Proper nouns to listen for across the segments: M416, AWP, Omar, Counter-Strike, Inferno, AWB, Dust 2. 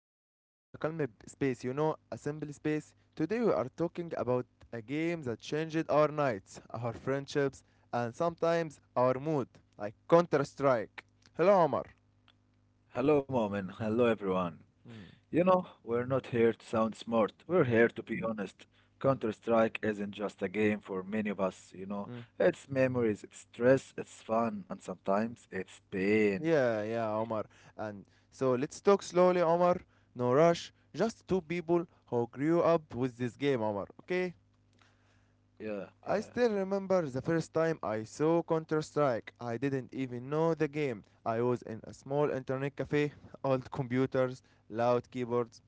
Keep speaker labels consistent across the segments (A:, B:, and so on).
A: and this calm a calm space, you know, a simple space. Today we are talking about a game that changed our nights, our friendships, and sometimes our mood, like Counter Strike. Hello, Omar.
B: Hello, Momin. Hello, everyone.
A: Mm.
B: You know, we're not here to sound smart. We're
A: Mm.
B: here to be honest. Counter-Strike isn't just a game for many of us, you know.
A: Mm.
B: It's memories, it's stress, it's fun, and sometimes it's pain.
A: Yeah, yeah, Omar. And so
B: Yeah,
A: let's talk slowly, Omar. No rush. Just two people who grew up with this game, Omar. Okay?
B: yeah, yeah,
A: I still remember the first time I saw Counter Strike. I didn't even know the game. I was in a small internet cafe, old computers, loud keyboards,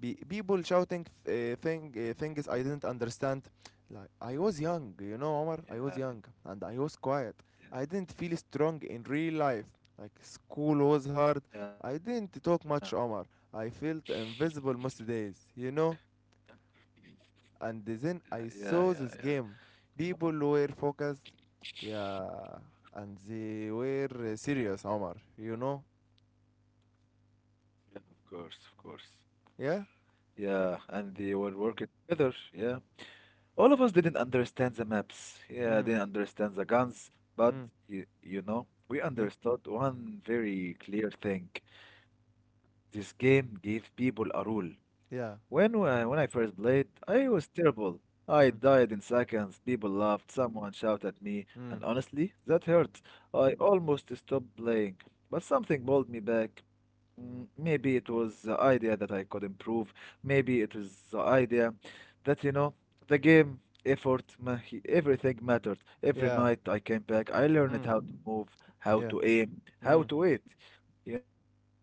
A: people shouting things I didn't understand. Like I was young, you
B: yeah,
A: know, Omar. I was young and I was quiet. I didn't feel strong in real life. Like school was
B: yeah,
A: hard.
B: yeah,
A: I didn't talk much, Omar. I felt invisible most days. And
B: yeah, yeah, yeah.
A: then
B: Yeah.
A: I saw this
B: You know,
A: game. People were focused, yeah, and they were serious, Omar. You know,
B: yeah, of course, of course.
A: yeah.
B: Yeah, and they were working together. Yeah. All of us didn't understand the maps. Yeah, didn't
A: Mm.
B: understand the guns, but
A: Mm.
B: we
A: Yeah.
B: understood one very clear thing. This game gave people a rule. When,
A: Yeah.
B: I- when I first played, I was terrible. I
A: Mm.
B: died in seconds, people laughed, someone shouted at me, and
A: Mm.
B: honestly, that hurt. I almost stopped playing. But something pulled me back. Maybe it was the idea that I could improve. Maybe it was the idea that, the game, effort, everything mattered. Every
A: Yeah.
B: night I came back, I learned
A: Mm.
B: how to move, how
A: Yeah.
B: to aim, how
A: Mm.
B: to wait. You know, Mu'min?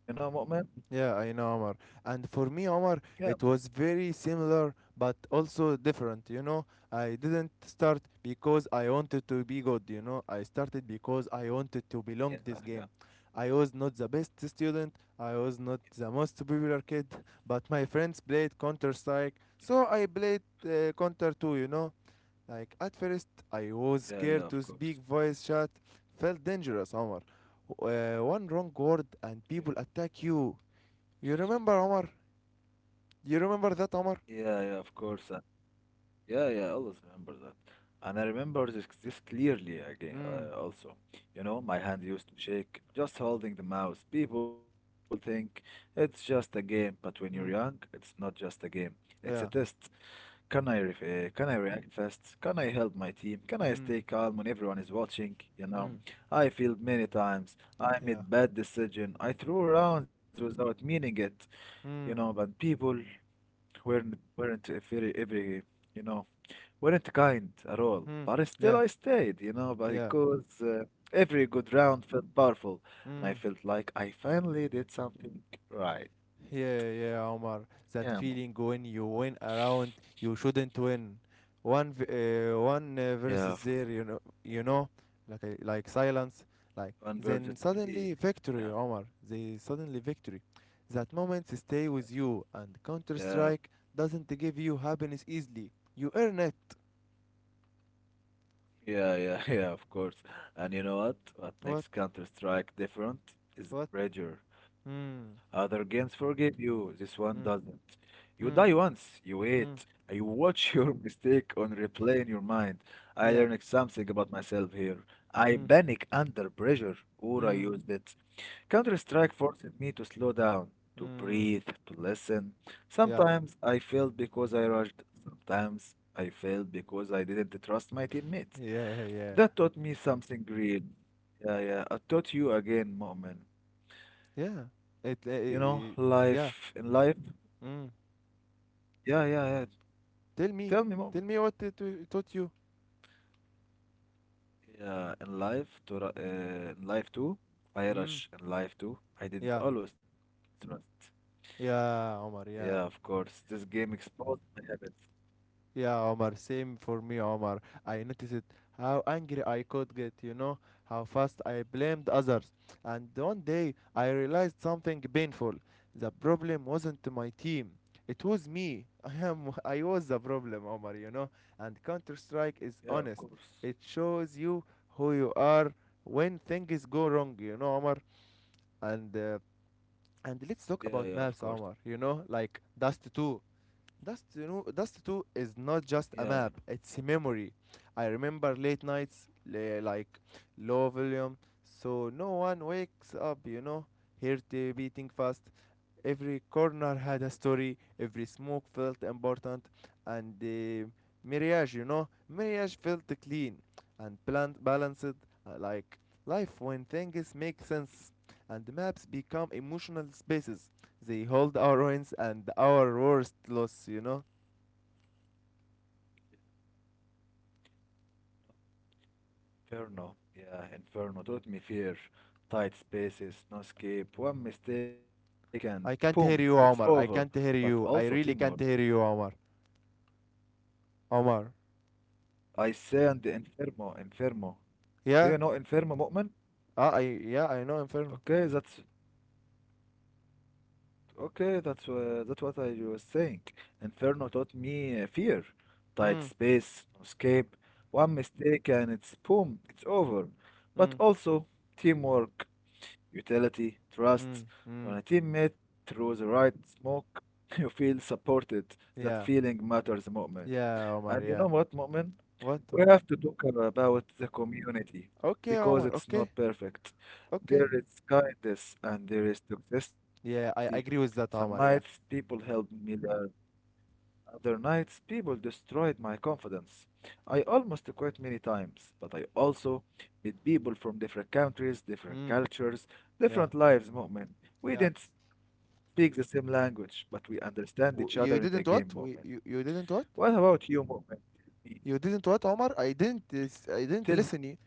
A: Yeah, I know, Omar. And for me,
B: Yeah,
A: Omar, it was very similar but also different, you know. I didn't start because I wanted to be good, you know. I started because I wanted to
B: yeah,
A: belong
B: yeah,
A: this
B: of
A: game. I was not the best student, I was not the most popular kid, but my friends played Counter Strike,
B: course.
A: so I played Counter too, you know. Like at first, I was
B: Yeah, yeah,
A: scared
B: of
A: to
B: course.
A: speak voice chat, felt dangerous, Omar. One wrong word and
B: Yeah,
A: people attack you. You remember, Omar? You remember that, Omar?
B: yeah, yeah, of course. Yeah, yeah, I always remember that. And I remember this clearly again,
A: Mm.
B: also. You know, my hand used to shake just holding the mouse. People think it's just a game, but when you're young,
A: Mm.
B: it's not just a game. It's a test.
A: Yeah.
B: Can I react fast? Can I help my team? Can I stay
A: Mm.
B: calm when everyone is watching? You know,
A: Mm.
B: I failed many times. I
A: Yeah.
B: made bad decision. I threw rounds without meaning it. You know,
A: Mm.
B: but people weren't a very every you know weren't kind at all,
A: Mm.
B: but I still
A: Yeah.
B: I stayed,
A: Yeah.
B: because every good round felt powerful, and
A: Mm.
B: I felt like I finally did something right.
A: Yeah, yeah, Omar. That
B: Yeah,
A: feeling when you win around, you shouldn't win. One, v- one versus
B: Yeah,
A: there,
B: I've
A: you know, like silence, like then
B: converted
A: suddenly
B: three.
A: victory, Omar.
B: Yeah,
A: The suddenly victory. That moment stay with you, and Counter
B: yeah.
A: Strike doesn't give you happiness easily. You earn it.
B: Yeah, yeah, yeah, of course. And you know what?
A: What?
B: What makes Counter-Strike different
A: What?
B: is the pressure.
A: Mm.
B: Other games forgive you, this one
A: Mm.
B: doesn't. You
A: Mm.
B: die once, you
A: Mm.
B: wait, and you watch your mistake on replay in your mind. I
A: Yeah.
B: learned something about myself here. I
A: Mm.
B: panic under pressure, or I
A: Mm.
B: used it. Counter-Strike forced me to slow down, to
A: Mm.
B: breathe, to listen.
A: Yeah.
B: Sometimes I failed because I rushed, sometimes I failed because I didn't trust my teammates.
A: Yeah. Yeah.
B: That taught me something great. Yeah, yeah. I taught you again, Mu'min.
A: Yeah.
B: You
A: It,
B: know,
A: uh, uh,
B: life in
A: yeah.
B: life.
A: Mm.
B: Yeah, yeah, yeah.
A: Tell
B: Tell me,
A: me.
B: Mu'min.
A: Tell me what it taught you.
B: Yeah, in in life too. I
A: Mm.
B: rush in life too. I didn't
A: Yeah.
B: always trust.
A: Yeah,
B: Yeah,
A: Omar.
B: of
A: Yeah.
B: course. This game exposed my habits.
A: Yeah, Omar, same for me, Omar. I noticed how angry I could get, you know, how fast I blamed others. And one day I realized something painful. The problem wasn't my team. It was me. I am I was the problem, Omar, you know. And Counter-Strike is
B: Yeah, of
A: honest.
B: course.
A: It shows you who you are when things go wrong, you know, Omar. And uh,
B: Yeah,
A: and
B: yeah,
A: let's
B: of
A: talk
B: course.
A: about maps, Omar, you know, like Dust 2. Dust 2 is not
B: Yeah,
A: just a map, it's a memory. I remember late nights, like low volume, so no one wakes up, you know, hear the beating fast. Every corner had a story, every smoke felt important, and marriage felt clean and bland, balanced, like life when things make sense. And maps become emotional spaces. They hold our wins and our worst loss, you know.
B: Inferno. Yeah, Inferno taught me fear, tight spaces, no escape, one mistake, and
A: I can't hear
B: boom,
A: you,
B: it's
A: Omar. I
B: over.
A: can't hear
B: But
A: you. I
B: also
A: really can't
B: teamwork.
A: hear you, Omar. Omar.
B: I send Infermo, Infermo.
A: Yeah?
B: Do you know Infermo,
A: Ah,
B: Mu'min?
A: yeah, I know, Inferno.
B: Okay, that's what I was saying. Inferno taught me fear, tight
A: Mm.
B: space, no escape, one mistake, and it's boom, it's over.
A: Mm.
B: But also teamwork, utility,
A: Mm.
B: trust.
A: Mm.
B: When a teammate throws the right smoke, you feel supported. That
A: Yeah.
B: feeling matters, Mu'min.
A: Yeah,
B: And
A: Omar,
B: you know
A: yeah.
B: what, Mu'min?
A: What,
B: We
A: Omar?
B: have to talk about the community
A: Okay,
B: because
A: Omar.
B: it's
A: Okay,
B: not perfect.
A: okay.
B: There is kindness and there is toxicity.
A: Yeah, I
B: Some
A: agree with
B: nights
A: that, Omar.
B: people
A: Yeah.
B: helped me, other nights people destroyed my confidence. I almost quit many times, but I also met people from different countries, different
A: Mm,
B: cultures,
A: yeah,
B: different lives, Mu'min. We
A: yeah.
B: didn't speak the same language, but we understand each other in the game,
A: You
B: Mu'min.
A: didn't what? You
B: What
A: didn't what?
B: about you, Mu'min?
A: You didn't what, Omar? I didn't. lis- I
B: Tell me, tell me.
A: didn't listen you,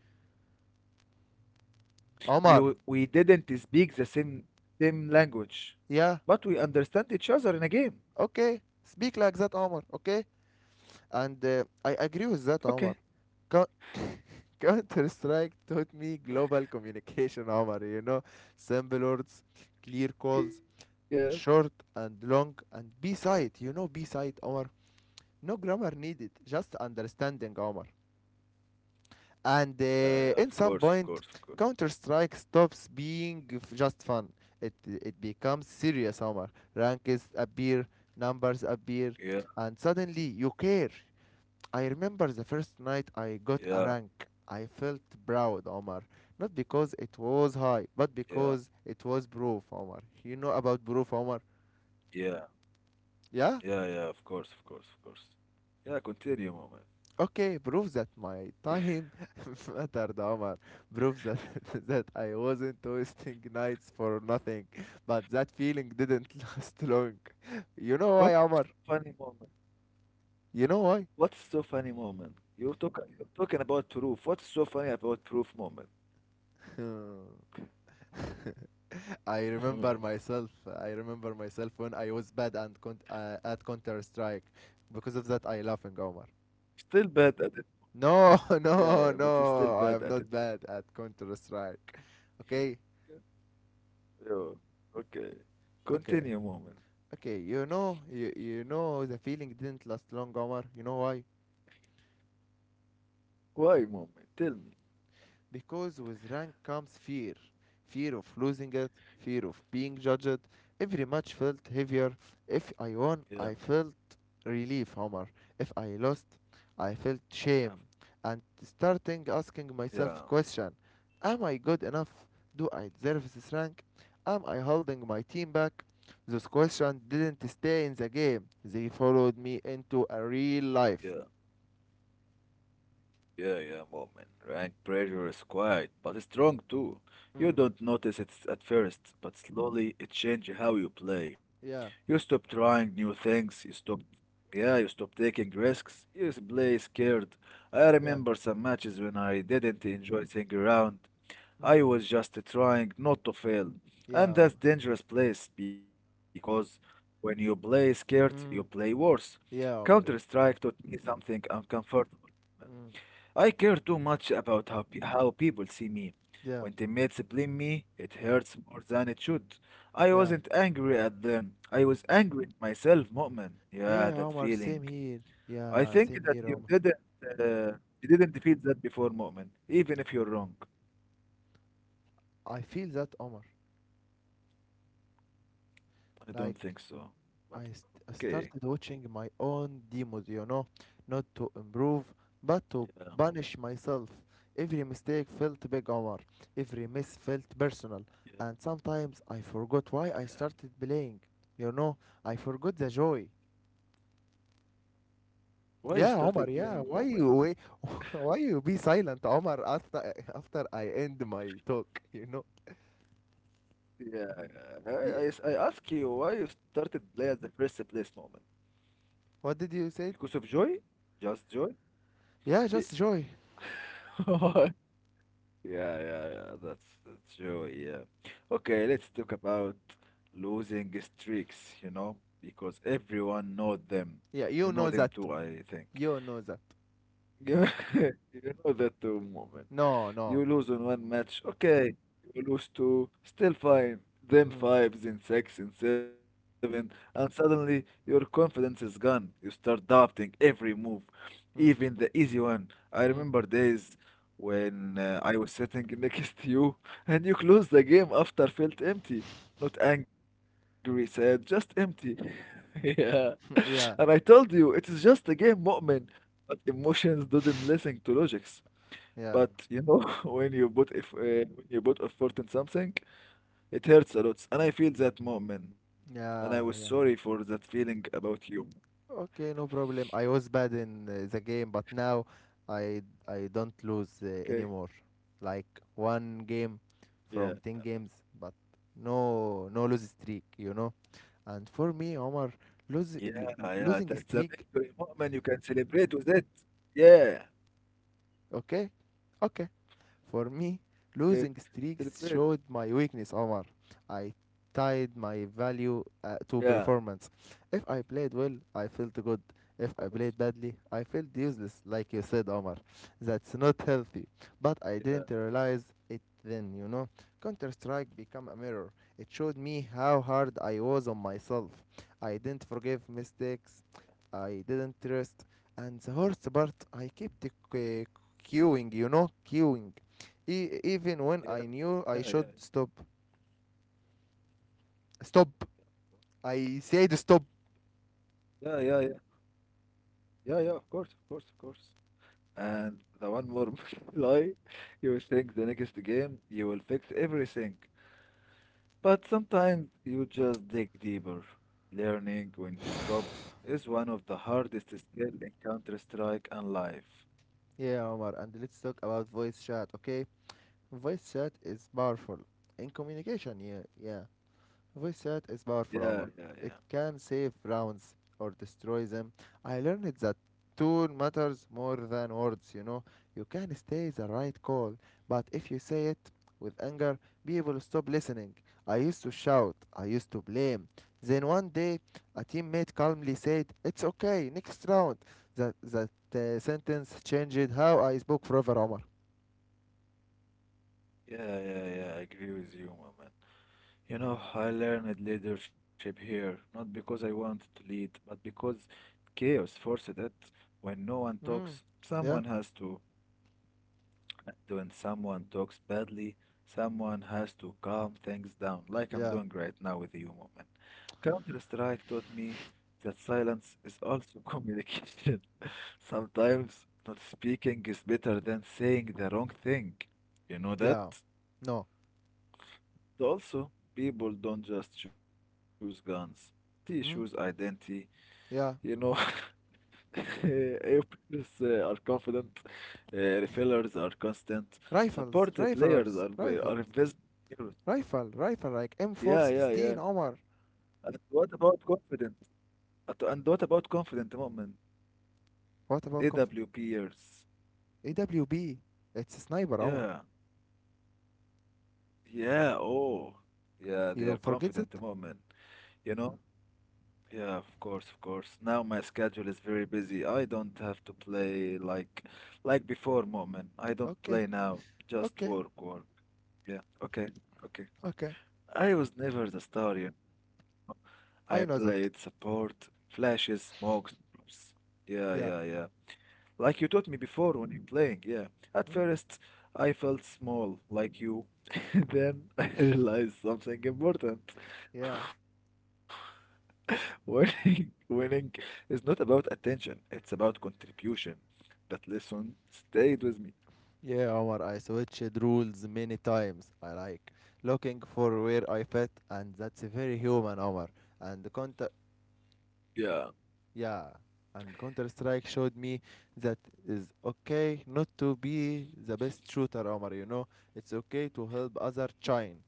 A: Omar.
B: You we didn't speak the same language,
A: Yeah.
B: but we understand each other in a game.
A: Okay. Speak like that, Omar. Okay. And I agree with that, Omar.
B: Okay.
A: Coun- Counter Strike taught me global communication, Omar. You know, simple words, clear calls,
B: Yeah.
A: short and long, and B side. You know, B side, Omar. No grammar needed, just understanding, Omar. And
B: Yeah, yeah,
A: in
B: of
A: some
B: course, of
A: point,
B: course, of course.
A: Counter Strike stops being just fun. It becomes serious, Omar. Ranks appear, numbers
B: Yeah,
A: appear, and suddenly you care. I remember the first night I got
B: yeah,
A: a rank. I felt proud, Omar. Not because it was high, but
B: yeah,
A: because it was proof, Omar. You know about proof, Omar?
B: yeah,
A: Yeah?
B: yeah, yeah, of course, of course, of course. Yeah, continue, moment.
A: Okay, proves that my time mattered, Omar. Proves that that I wasn't wasting nights for nothing. But that feeling didn't last long.
B: What
A: You know why,
B: funny
A: Omar?
B: moment?
A: You know
B: What's
A: why?
B: so funny moment? You're talking about proof. What's so funny about proof moment?
A: I remember myself. I remember myself when I was bad and at Counter Strike. Because of that, I laughing, Omar.
B: Still bad at it.
A: No,
B: Yeah, yeah,
A: no,
B: but you still
A: no.
B: bad
A: I am
B: at it.
A: not bad at Counter Strike. Okay,
B: Yeah. Yeah. Okay.
A: okay.
B: Continue moment.
A: Okay, you know, the feeling didn't last long, Omar. You know why?
B: Why moment? Tell me.
A: Because with rank comes fear of losing it, fear of being judged. Every match felt heavier. If
B: Yeah,
A: I won, I felt relief, Omar. If I lost, I felt
B: yeah,
A: shame and starting asking myself
B: yeah,
A: question, am I good enough? Do I deserve this rank? Am I holding my team back? Those questions didn't stay in the game. They followed me into a real
B: yeah.
A: life.
B: Yeah, yeah, moment. Rank pressure is quiet, but it's strong too. You
A: Mm.
B: don't notice it at first, but slowly it changes how you play.
A: Yeah,
B: You stop trying new things, you stop, yeah, you stop taking risks, you play scared. I
A: yeah.
B: remember some matches when I didn't enjoy sitting around. I
A: Mm.
B: was just trying not to fail.
A: Yeah.
B: And
A: Omar.
B: that's dangerous place because when you play scared, you play
A: Mm.
B: worse.
A: Yeah, Omar.
B: Counter-Strike
A: Yeah.
B: taught me something uncomfortable.
A: Mm.
B: I care too much about how people see me.
A: Yeah.
B: When teammates blame me, it hurts more than it should. I
A: Yeah.
B: wasn't angry at them. I was angry at myself, Mu'min. Yeah,
A: Yeah,
B: that
A: Omar. Same
B: feeling.
A: here.
B: I
A: Yeah,
B: think
A: same
B: that
A: here, Omar.
B: you didn't feel that before, Mu'min, even if you're wrong.
A: I feel that, Omar.
B: I
A: Like
B: don't think so.
A: I,
B: But
A: st- I
B: okay.
A: started
B: Go.
A: watching my own demos, you know, not to improve, but to punish myself. Every mistake felt big, Omar. Every miss felt personal,
B: Yeah, yeah,
A: and sometimes I forgot why I
B: yeah.
A: started playing. You know, I forgot the joy.
B: Why you
A: Yeah,
B: started
A: Omar,
B: playing,
A: yeah. Why
B: Mu'min?
A: you wait? Why you be silent, Omar, after I end my talk, you know?
B: Yeah, I, I,
A: Yeah.
B: I ask you why you started play at the first place, Mu'min.
A: What did you say?
B: Because of joy? Just joy?
A: Yeah,
B: Be-
A: just joy.
B: Yeah, yeah, yeah. That's true. Yeah. Okay, let's talk about losing streaks, you know, because everyone know them.
A: Yeah,
B: You
A: you
B: know
A: know
B: them
A: that.
B: too, I think.
A: You know that.
B: Yeah, you know that too, moment.
A: No, no.
B: You lose on one match, okay. You lose two, still fine. Then
A: Mm.
B: five, then six, then seven, and suddenly your confidence is gone. You start doubting every move, even the
A: Mm.
B: easy one. I remember
A: Mm.
B: days when I was sitting next to you and you closed the game after felt empty. Not angry, sad, just empty. Yeah. And I told
A: Yeah,
B: you, it is just a game, Mu'min. But emotions didn't listen to logics. But
A: yeah,
B: you know, when you put if when you put effort in something, it hurts a lot. And I feel that, Mu'min. And I was
A: yeah,
B: sorry
A: yeah.
B: for that feeling about you.
A: Okay, no problem. I was bad in the game, but now I don't lose
B: Okay?
A: anymore. Like one game from
B: Yeah.
A: 10 games, but no lose streak, you know? And for me, Omar,
B: Yeah,
A: lose,
B: yeah.
A: l-
B: That's a
A: losing
B: victory,
A: streak.
B: Mu'min. You can celebrate with it. Yeah.
A: Okay, okay. For me,
B: Okay.
A: losing streaks
B: Celebrate.
A: showed my weakness, Omar. I tied my
B: Yeah,
A: value
B: of
A: to performance. If I played well, I felt good.
B: course.
A: If I played badly, I felt useless, like you said, Omar. That's not healthy. But I
B: Yeah,
A: didn't realize it then, you know. Counter Strike became a mirror. It showed me how hard I was on myself. I didn't forgive mistakes. I didn't trust. And the worst part, I kept queuing. Even when
B: yeah,
A: I knew I
B: yeah, yeah,
A: should
B: yeah.
A: stop. Stop! I said stop!
B: Yeah, yeah, yeah. Yeah. Yeah, yeah, of course, of course, of course. And the one more lie, you will think the next game you will fix everything. But sometimes you just dig deeper. Learning when to stop is one of the hardest skill in Counter-Strike and life.
A: Yeah, Omar, and let's talk about voice chat, okay? Voice chat is powerful in communication, yeah, yeah. Voice chat is powerful,
B: Yeah,
A: Omar.
B: yeah,
A: It
B: yeah.
A: can save rounds or destroy them. I learned that tone matters more than words, you know. You can stay the right call, but if you say it with anger, people stop listening. I used to shout, I used to blame. Then one day, a teammate calmly said, it's okay, next round. That sentence changed how I spoke forever, Omar.
B: Yeah, yeah, yeah, I agree with you, my man. You know, I learned leadership here, not because I wanted to lead, but because chaos forced it. When no one talks,
A: Mm.
B: someone
A: Yeah,
B: has to. When someone talks badly, someone has to calm things down, like I'm
A: yeah,
B: doing right now with you, Moment. Counter-Strike taught me that silence is also communication. Sometimes not speaking is better than saying the wrong thing. You know that?
A: yeah. No.
B: Also, people don't just choose guns. They choose
A: Mm?
B: identity, you know.
A: Yeah,
B: Openers are confident. uh, Refillers are constant. Support
A: Rifles,
B: players are
A: riflers,
B: v- are
A: rifles,
B: invisible heroes.
A: rifle, rifle like
B: Yeah, yeah, yeah.
A: M416, Omar.
B: And what about confident? And what about confident moment?
A: What about
B: AWP
A: confidence?
B: years.
A: AWB, it's a sniper, Omar.
B: Yeah, yeah. Oh, yeah. They are
A: You forget that?
B: confident moment. You know. Yeah, of course, of course. Now my schedule is very busy. I don't have to play like before moment. I don't
A: Okay,
B: play now. Just
A: okay,
B: work, work. Yeah, okay, okay.
A: okay.
B: I was never the star, you know. I played
A: I know that.
B: support, flashes, smokes, drops. Yeah, yeah,
A: Yeah.
B: yeah. Like you taught me before when you playing, yeah. At
A: Hmm?
B: first, I felt small, like you. Then I realized something important.
A: Yeah.
B: Winning is not about attention, it's about contribution. That lesson stayed with me.
A: Yeah, Omar, I switched rules many times. I like looking for where I fit, and that's very human, Omar. And the conta-
B: Yeah.
A: Yeah, and Counter Strike showed me that is okay not to be the best shooter, Omar. You know, it's okay to help other shine.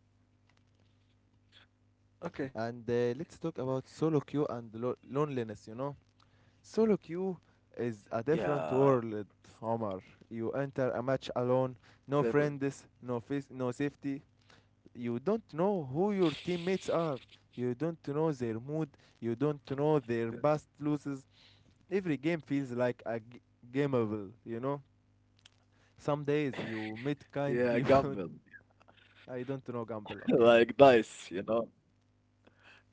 B: Okay.
A: And let's talk about solo queue and loneliness. You know, solo queue is a different
B: Yeah.
A: world, Omar. You enter a match alone, no
B: Favorite.
A: friends, no face, no safety. You don't know who your teammates are. You don't know their mood. You
B: Yeah,
A: don't know their past losses. Every game feels like a gameable, you know? Some days you meet kind
B: yeah,
A: people.
B: gamble.
A: I don't know gamble, okay?
B: Like
A: S-
B: dice, you know.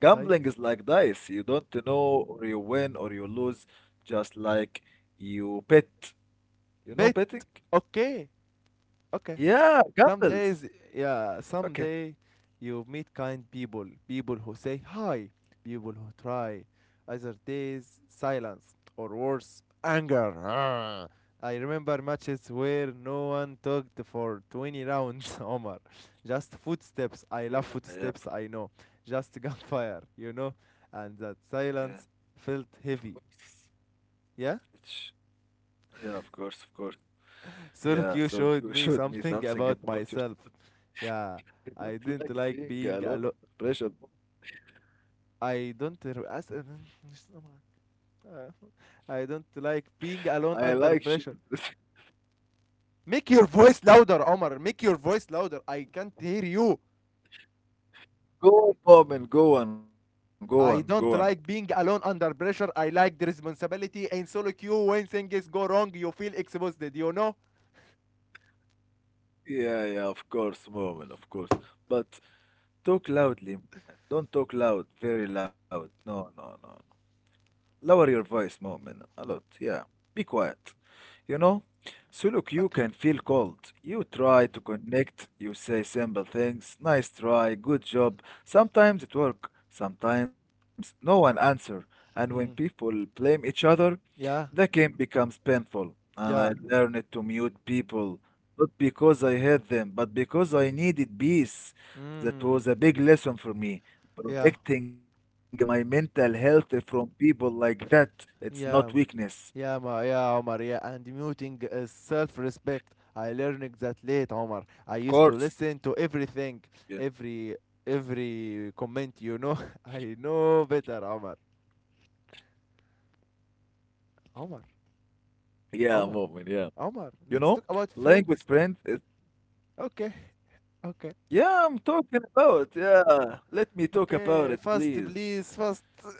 B: Gambling
A: Dice.
B: is like dice. You don't know or you win or you lose, just like you bet. You know
A: Bet.
B: betting?
A: Okay. Okay.
B: Yeah,
A: Some
B: gambles.
A: days, yeah,
B: Okay.
A: someday you meet kind people, people who say hi, people who try. Other days, silence, or worse, anger. Ah. I remember matches where no one talked for 20 rounds, Omar. Just footsteps. I
B: Yeah,
A: love
B: yeah, of-
A: footsteps, I know. Just gunfire, you know?
B: yeah,
A: And that silence
B: of
A: felt
B: course.
A: heavy.
B: It's-
A: Yeah?
B: yeah, of course, of course. Yeah,
A: So
B: so
A: look,
B: look,
A: you
B: you
A: showed
B: showed
A: me
B: me something
A: something about
B: about yourself.
A: myself. Yeah.
B: I
A: I
B: don't like
A: didn't like
B: being
A: being
B: alone
A: alone.
B: under pressure, but
A: I don't r- as I don't like being alone
B: I
A: under
B: like share.
A: pressure. Make your voice louder, Omar. Make your voice louder. I can't hear you.
B: Go on, Moment, go on, go on, go on.
A: I don't like being alone under pressure. I like the responsibility and solo queue when things go wrong. You feel exposed. Do you know?
B: Yeah, yeah, of course, moment, of course. But talk loudly, man. Don't talk loud, very loud. No, no, no. Lower your voice, moment, a lot. Yeah. Be quiet. You know? So look, you
A: Okay.
B: can feel cold. You try to connect. You say simple things. Nice try. Good job. Sometimes it work. Sometimes no one answer. And when
A: Hmm.
B: people blame each other, the
A: Yeah.
B: game becomes painful, and I
A: Yeah.
B: learned to mute people, not because I hate them, but because I needed peace. That
A: Hmm.
B: was a big lesson for me.
A: Yeah.
B: Protecting my mental health from people like that, it's not
A: Yeah.
B: weakness.
A: Yeah, Ma. Yeah, Omar, yeah, and muting is self-respect. I learned that late, Omar. I
B: Of
A: used to
B: course.
A: listen to everything,
B: Yeah.
A: every every comment, you know. I know better, Omar. Omar,
B: Yeah,
A: Omar,
B: moment, yeah.
A: Omar.
B: You
A: Let's
B: know,
A: talk about
B: playing with
A: friends and
B: friends, it,
A: okay, okay,
B: yeah, I'm talking about, yeah. Let me talk
A: okay.
B: about it,
A: Fast,
B: please.
A: please, fast.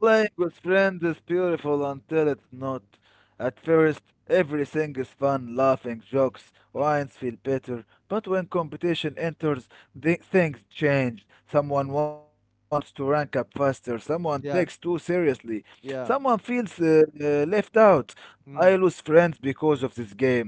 B: Playing with friends is beautiful until it's not. At first, everything is fun, laughing, jokes, wines feel better. But when competition enters, the things change. Someone
A: Mm.
B: wants to rank up faster, someone takes too
A: Yeah,
B: seriously, someone
A: yeah.
B: feels left out. I lose
A: Mm.
B: friends because of this game.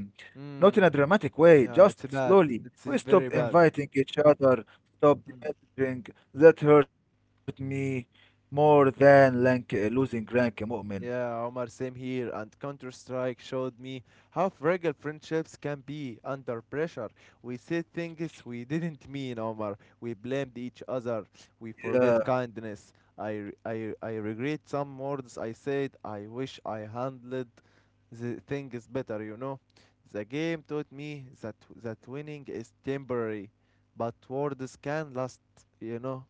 B: Not in a
A: Mm.
B: dramatic way,
A: Yeah,
B: just
A: it's bad.
B: slowly.
A: It's
B: We
A: very
B: stopped
A: bad.
B: inviting each other, stopped messaging. That hurt me more than rank, losing rank مؤمن.
A: Yeah, Omar, same here. And Counter Strike showed me how fragile friendships can be under pressure. We said things we didn't mean, Omar. We blamed each other. We
B: Yeah,
A: forget kindness. I regret some words I said. I wish I handled the things better, you know. The game taught me that winning is temporary, but words can last, you know.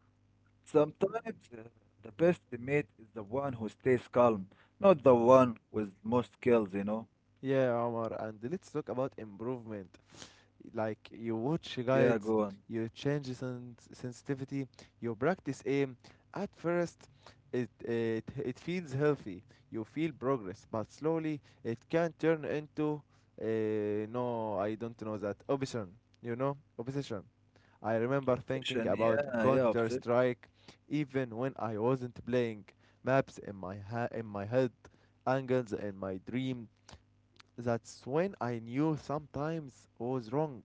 B: sometimes the best teammate is the one who stays calm, not the one with most kills, you know.
A: Yeah, Omar. And let's talk about improvement. Like you watch
B: Yeah,
A: guides,
B: go on.
A: you change sensitivity, you practice aim. At first, it feels healthy. You feel progress, but slowly it can turn into no, I don't know that obsession. You know, obsession. I remember thinking
B: Obsession,
A: about
B: yeah, yeah,
A: Counter
B: obsession.
A: Strike, even when I wasn't playing. Maps in my head, angles in my dream. That's when I knew sometimes was wrong.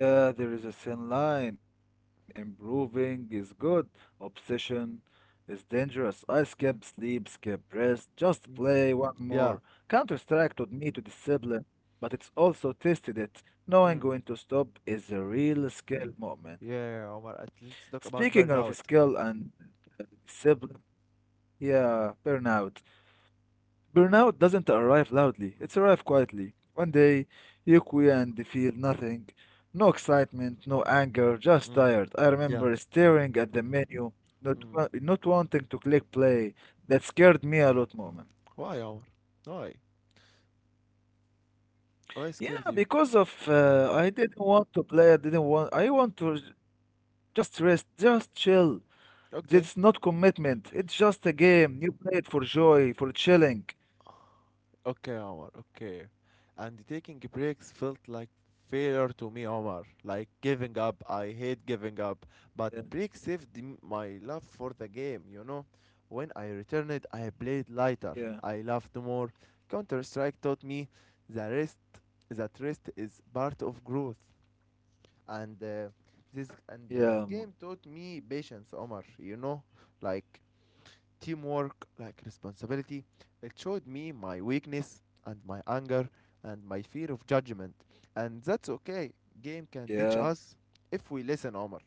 B: Yeah, there is a thin line. Improving is good. Obsession is dangerous. I skip,
A: Hmm.
B: sleep, skip, rest. Just play
A: Mm.
B: one more.
A: Yeah.
B: Counter-Strike taught me to discipline, but it's also tested it. Knowing
A: Mm.
B: when to stop is a real skill moment.
A: Yeah, Omar. Let's talk about
B: Speaking of
A: burnout.
B: skill and discipline, yeah, burnout. Burnout doesn't arrive loudly, it's arrive quietly. One day, you quit and feel nothing. No excitement, no anger, just
A: Mm.
B: tired. I
A: Yeah.
B: remember staring at the menu,
A: Mm.
B: not wanting to click play. That scared me a lot, moment.
A: Why, Omar? Why? Why scared
B: Yeah,
A: you?
B: because of I didn't want to play, I didn't want, I want to just rest, just chill. It's not
A: Okay.
B: commitment, it's just a game. You play it for joy, for chilling.
A: Okay, Omar. Okay. And taking breaks felt like failure to me, Omar. Like giving up. I hate giving
B: Yeah,
A: up. But breaks saved my love for the game, you know? When I returned, I played lighter.
B: yeah,
A: I laughed more. Counter Strike taught me the rest that rest is part of growth. and uh, and this
B: yeah,
A: game taught me patience, Omar. You know, like teamwork, like responsibility. It showed me my weakness and my anger and my fear of judgment, and that's okay. Game can teach
B: yeah.
A: us if we listen, Omar.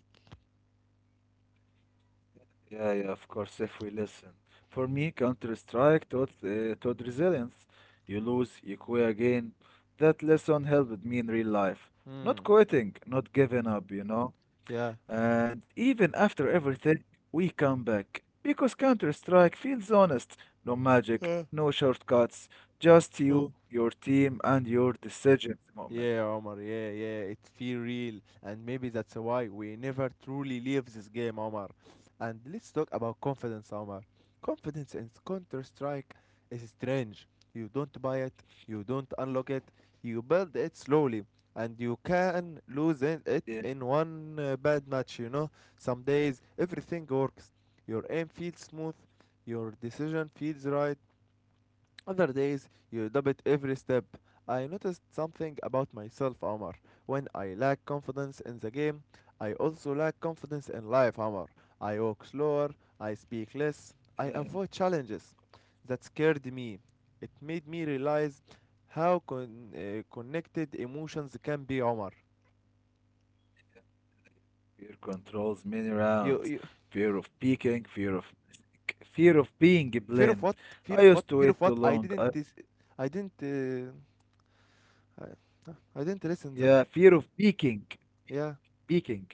B: Yeah, yeah, of course, if we listen. For me, Counter-Strike taught resilience. You lose, you quit again. That lesson helped me in real life.
A: Mm,
B: Not quitting, not giving up, you know?
A: yeah.
B: And even after everything, we come back. Because Counter-Strike feels honest. No magic,
A: Yeah.
B: no shortcuts. Just you, your team, and your decisions moment.
A: Yeah, Omar. Yeah, yeah. It feel real, and maybe that's why we never truly leave this game, Omar. And let's talk about confidence, Omar. Confidence in Counter Strike is strange. You don't buy it, you don't unlock it, you build it slowly, and you can lose it
B: Yeah,
A: in one bad match. You know, some days everything works. Your aim feels smooth, your decision feels right, other days, you dub every step. I noticed something about myself, Omar. When I lack confidence in the game, I also lack confidence in life, Omar. I walk slower, I speak less,
B: yeah.
A: I avoid challenges. That scared me. It made me realize how connected emotions can be, Omar.
B: Fear controls many
A: You,
B: rounds.
A: you,
B: Fear of peaking, fear of mistake, fear of being
A: fear of
B: blamed.
A: what? Fear
B: I
A: of what?
B: used to
A: Fear
B: wait
A: of what?
B: too
A: I
B: long. I,
A: didn't, dis- I didn't, uh, I, I didn't listen that.
B: yeah, fear of peaking,
A: Yeah,
B: peaking.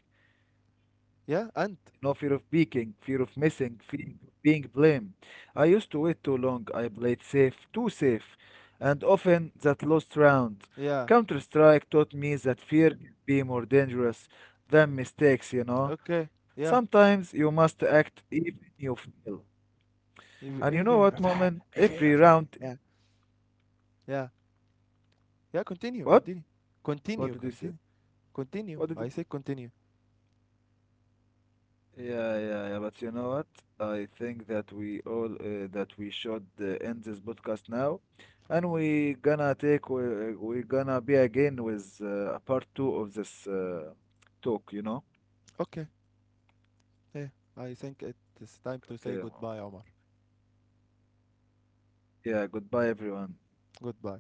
A: yeah,
B: No, fear
A: and
B: of peaking, fear of missing, fear of being blamed. I used to wait too long. I played safe, too safe, and often that lost round.
A: yeah.
B: Counter Strike taught me that fear can be more dangerous than mistakes. You know,
A: Okay. Yeah.
B: sometimes you must act even you fail.
A: It
B: And
A: will
B: you
A: it
B: know
A: will be
B: what,
A: referred.
B: Moment?
A: It will be
B: Every
A: referred.
B: round.
A: Yeah. Yeah. Yeah. Continue.
B: What?
A: Continue.
B: What
A: Continue.
B: did you say?
A: Continue. Continue.
B: What did
A: I
B: you...
A: say continue.
B: Yeah, yeah, yeah. But you know what? I think that we all that we should end this podcast now, and we gonna take we gonna be again with part two of this talk. You know?
A: Okay. Yeah. I think it is
B: Okay.
A: time
B: Moment.
A: to say goodbye, Omar.
B: Yeah. Goodbye, everyone.
A: Goodbye.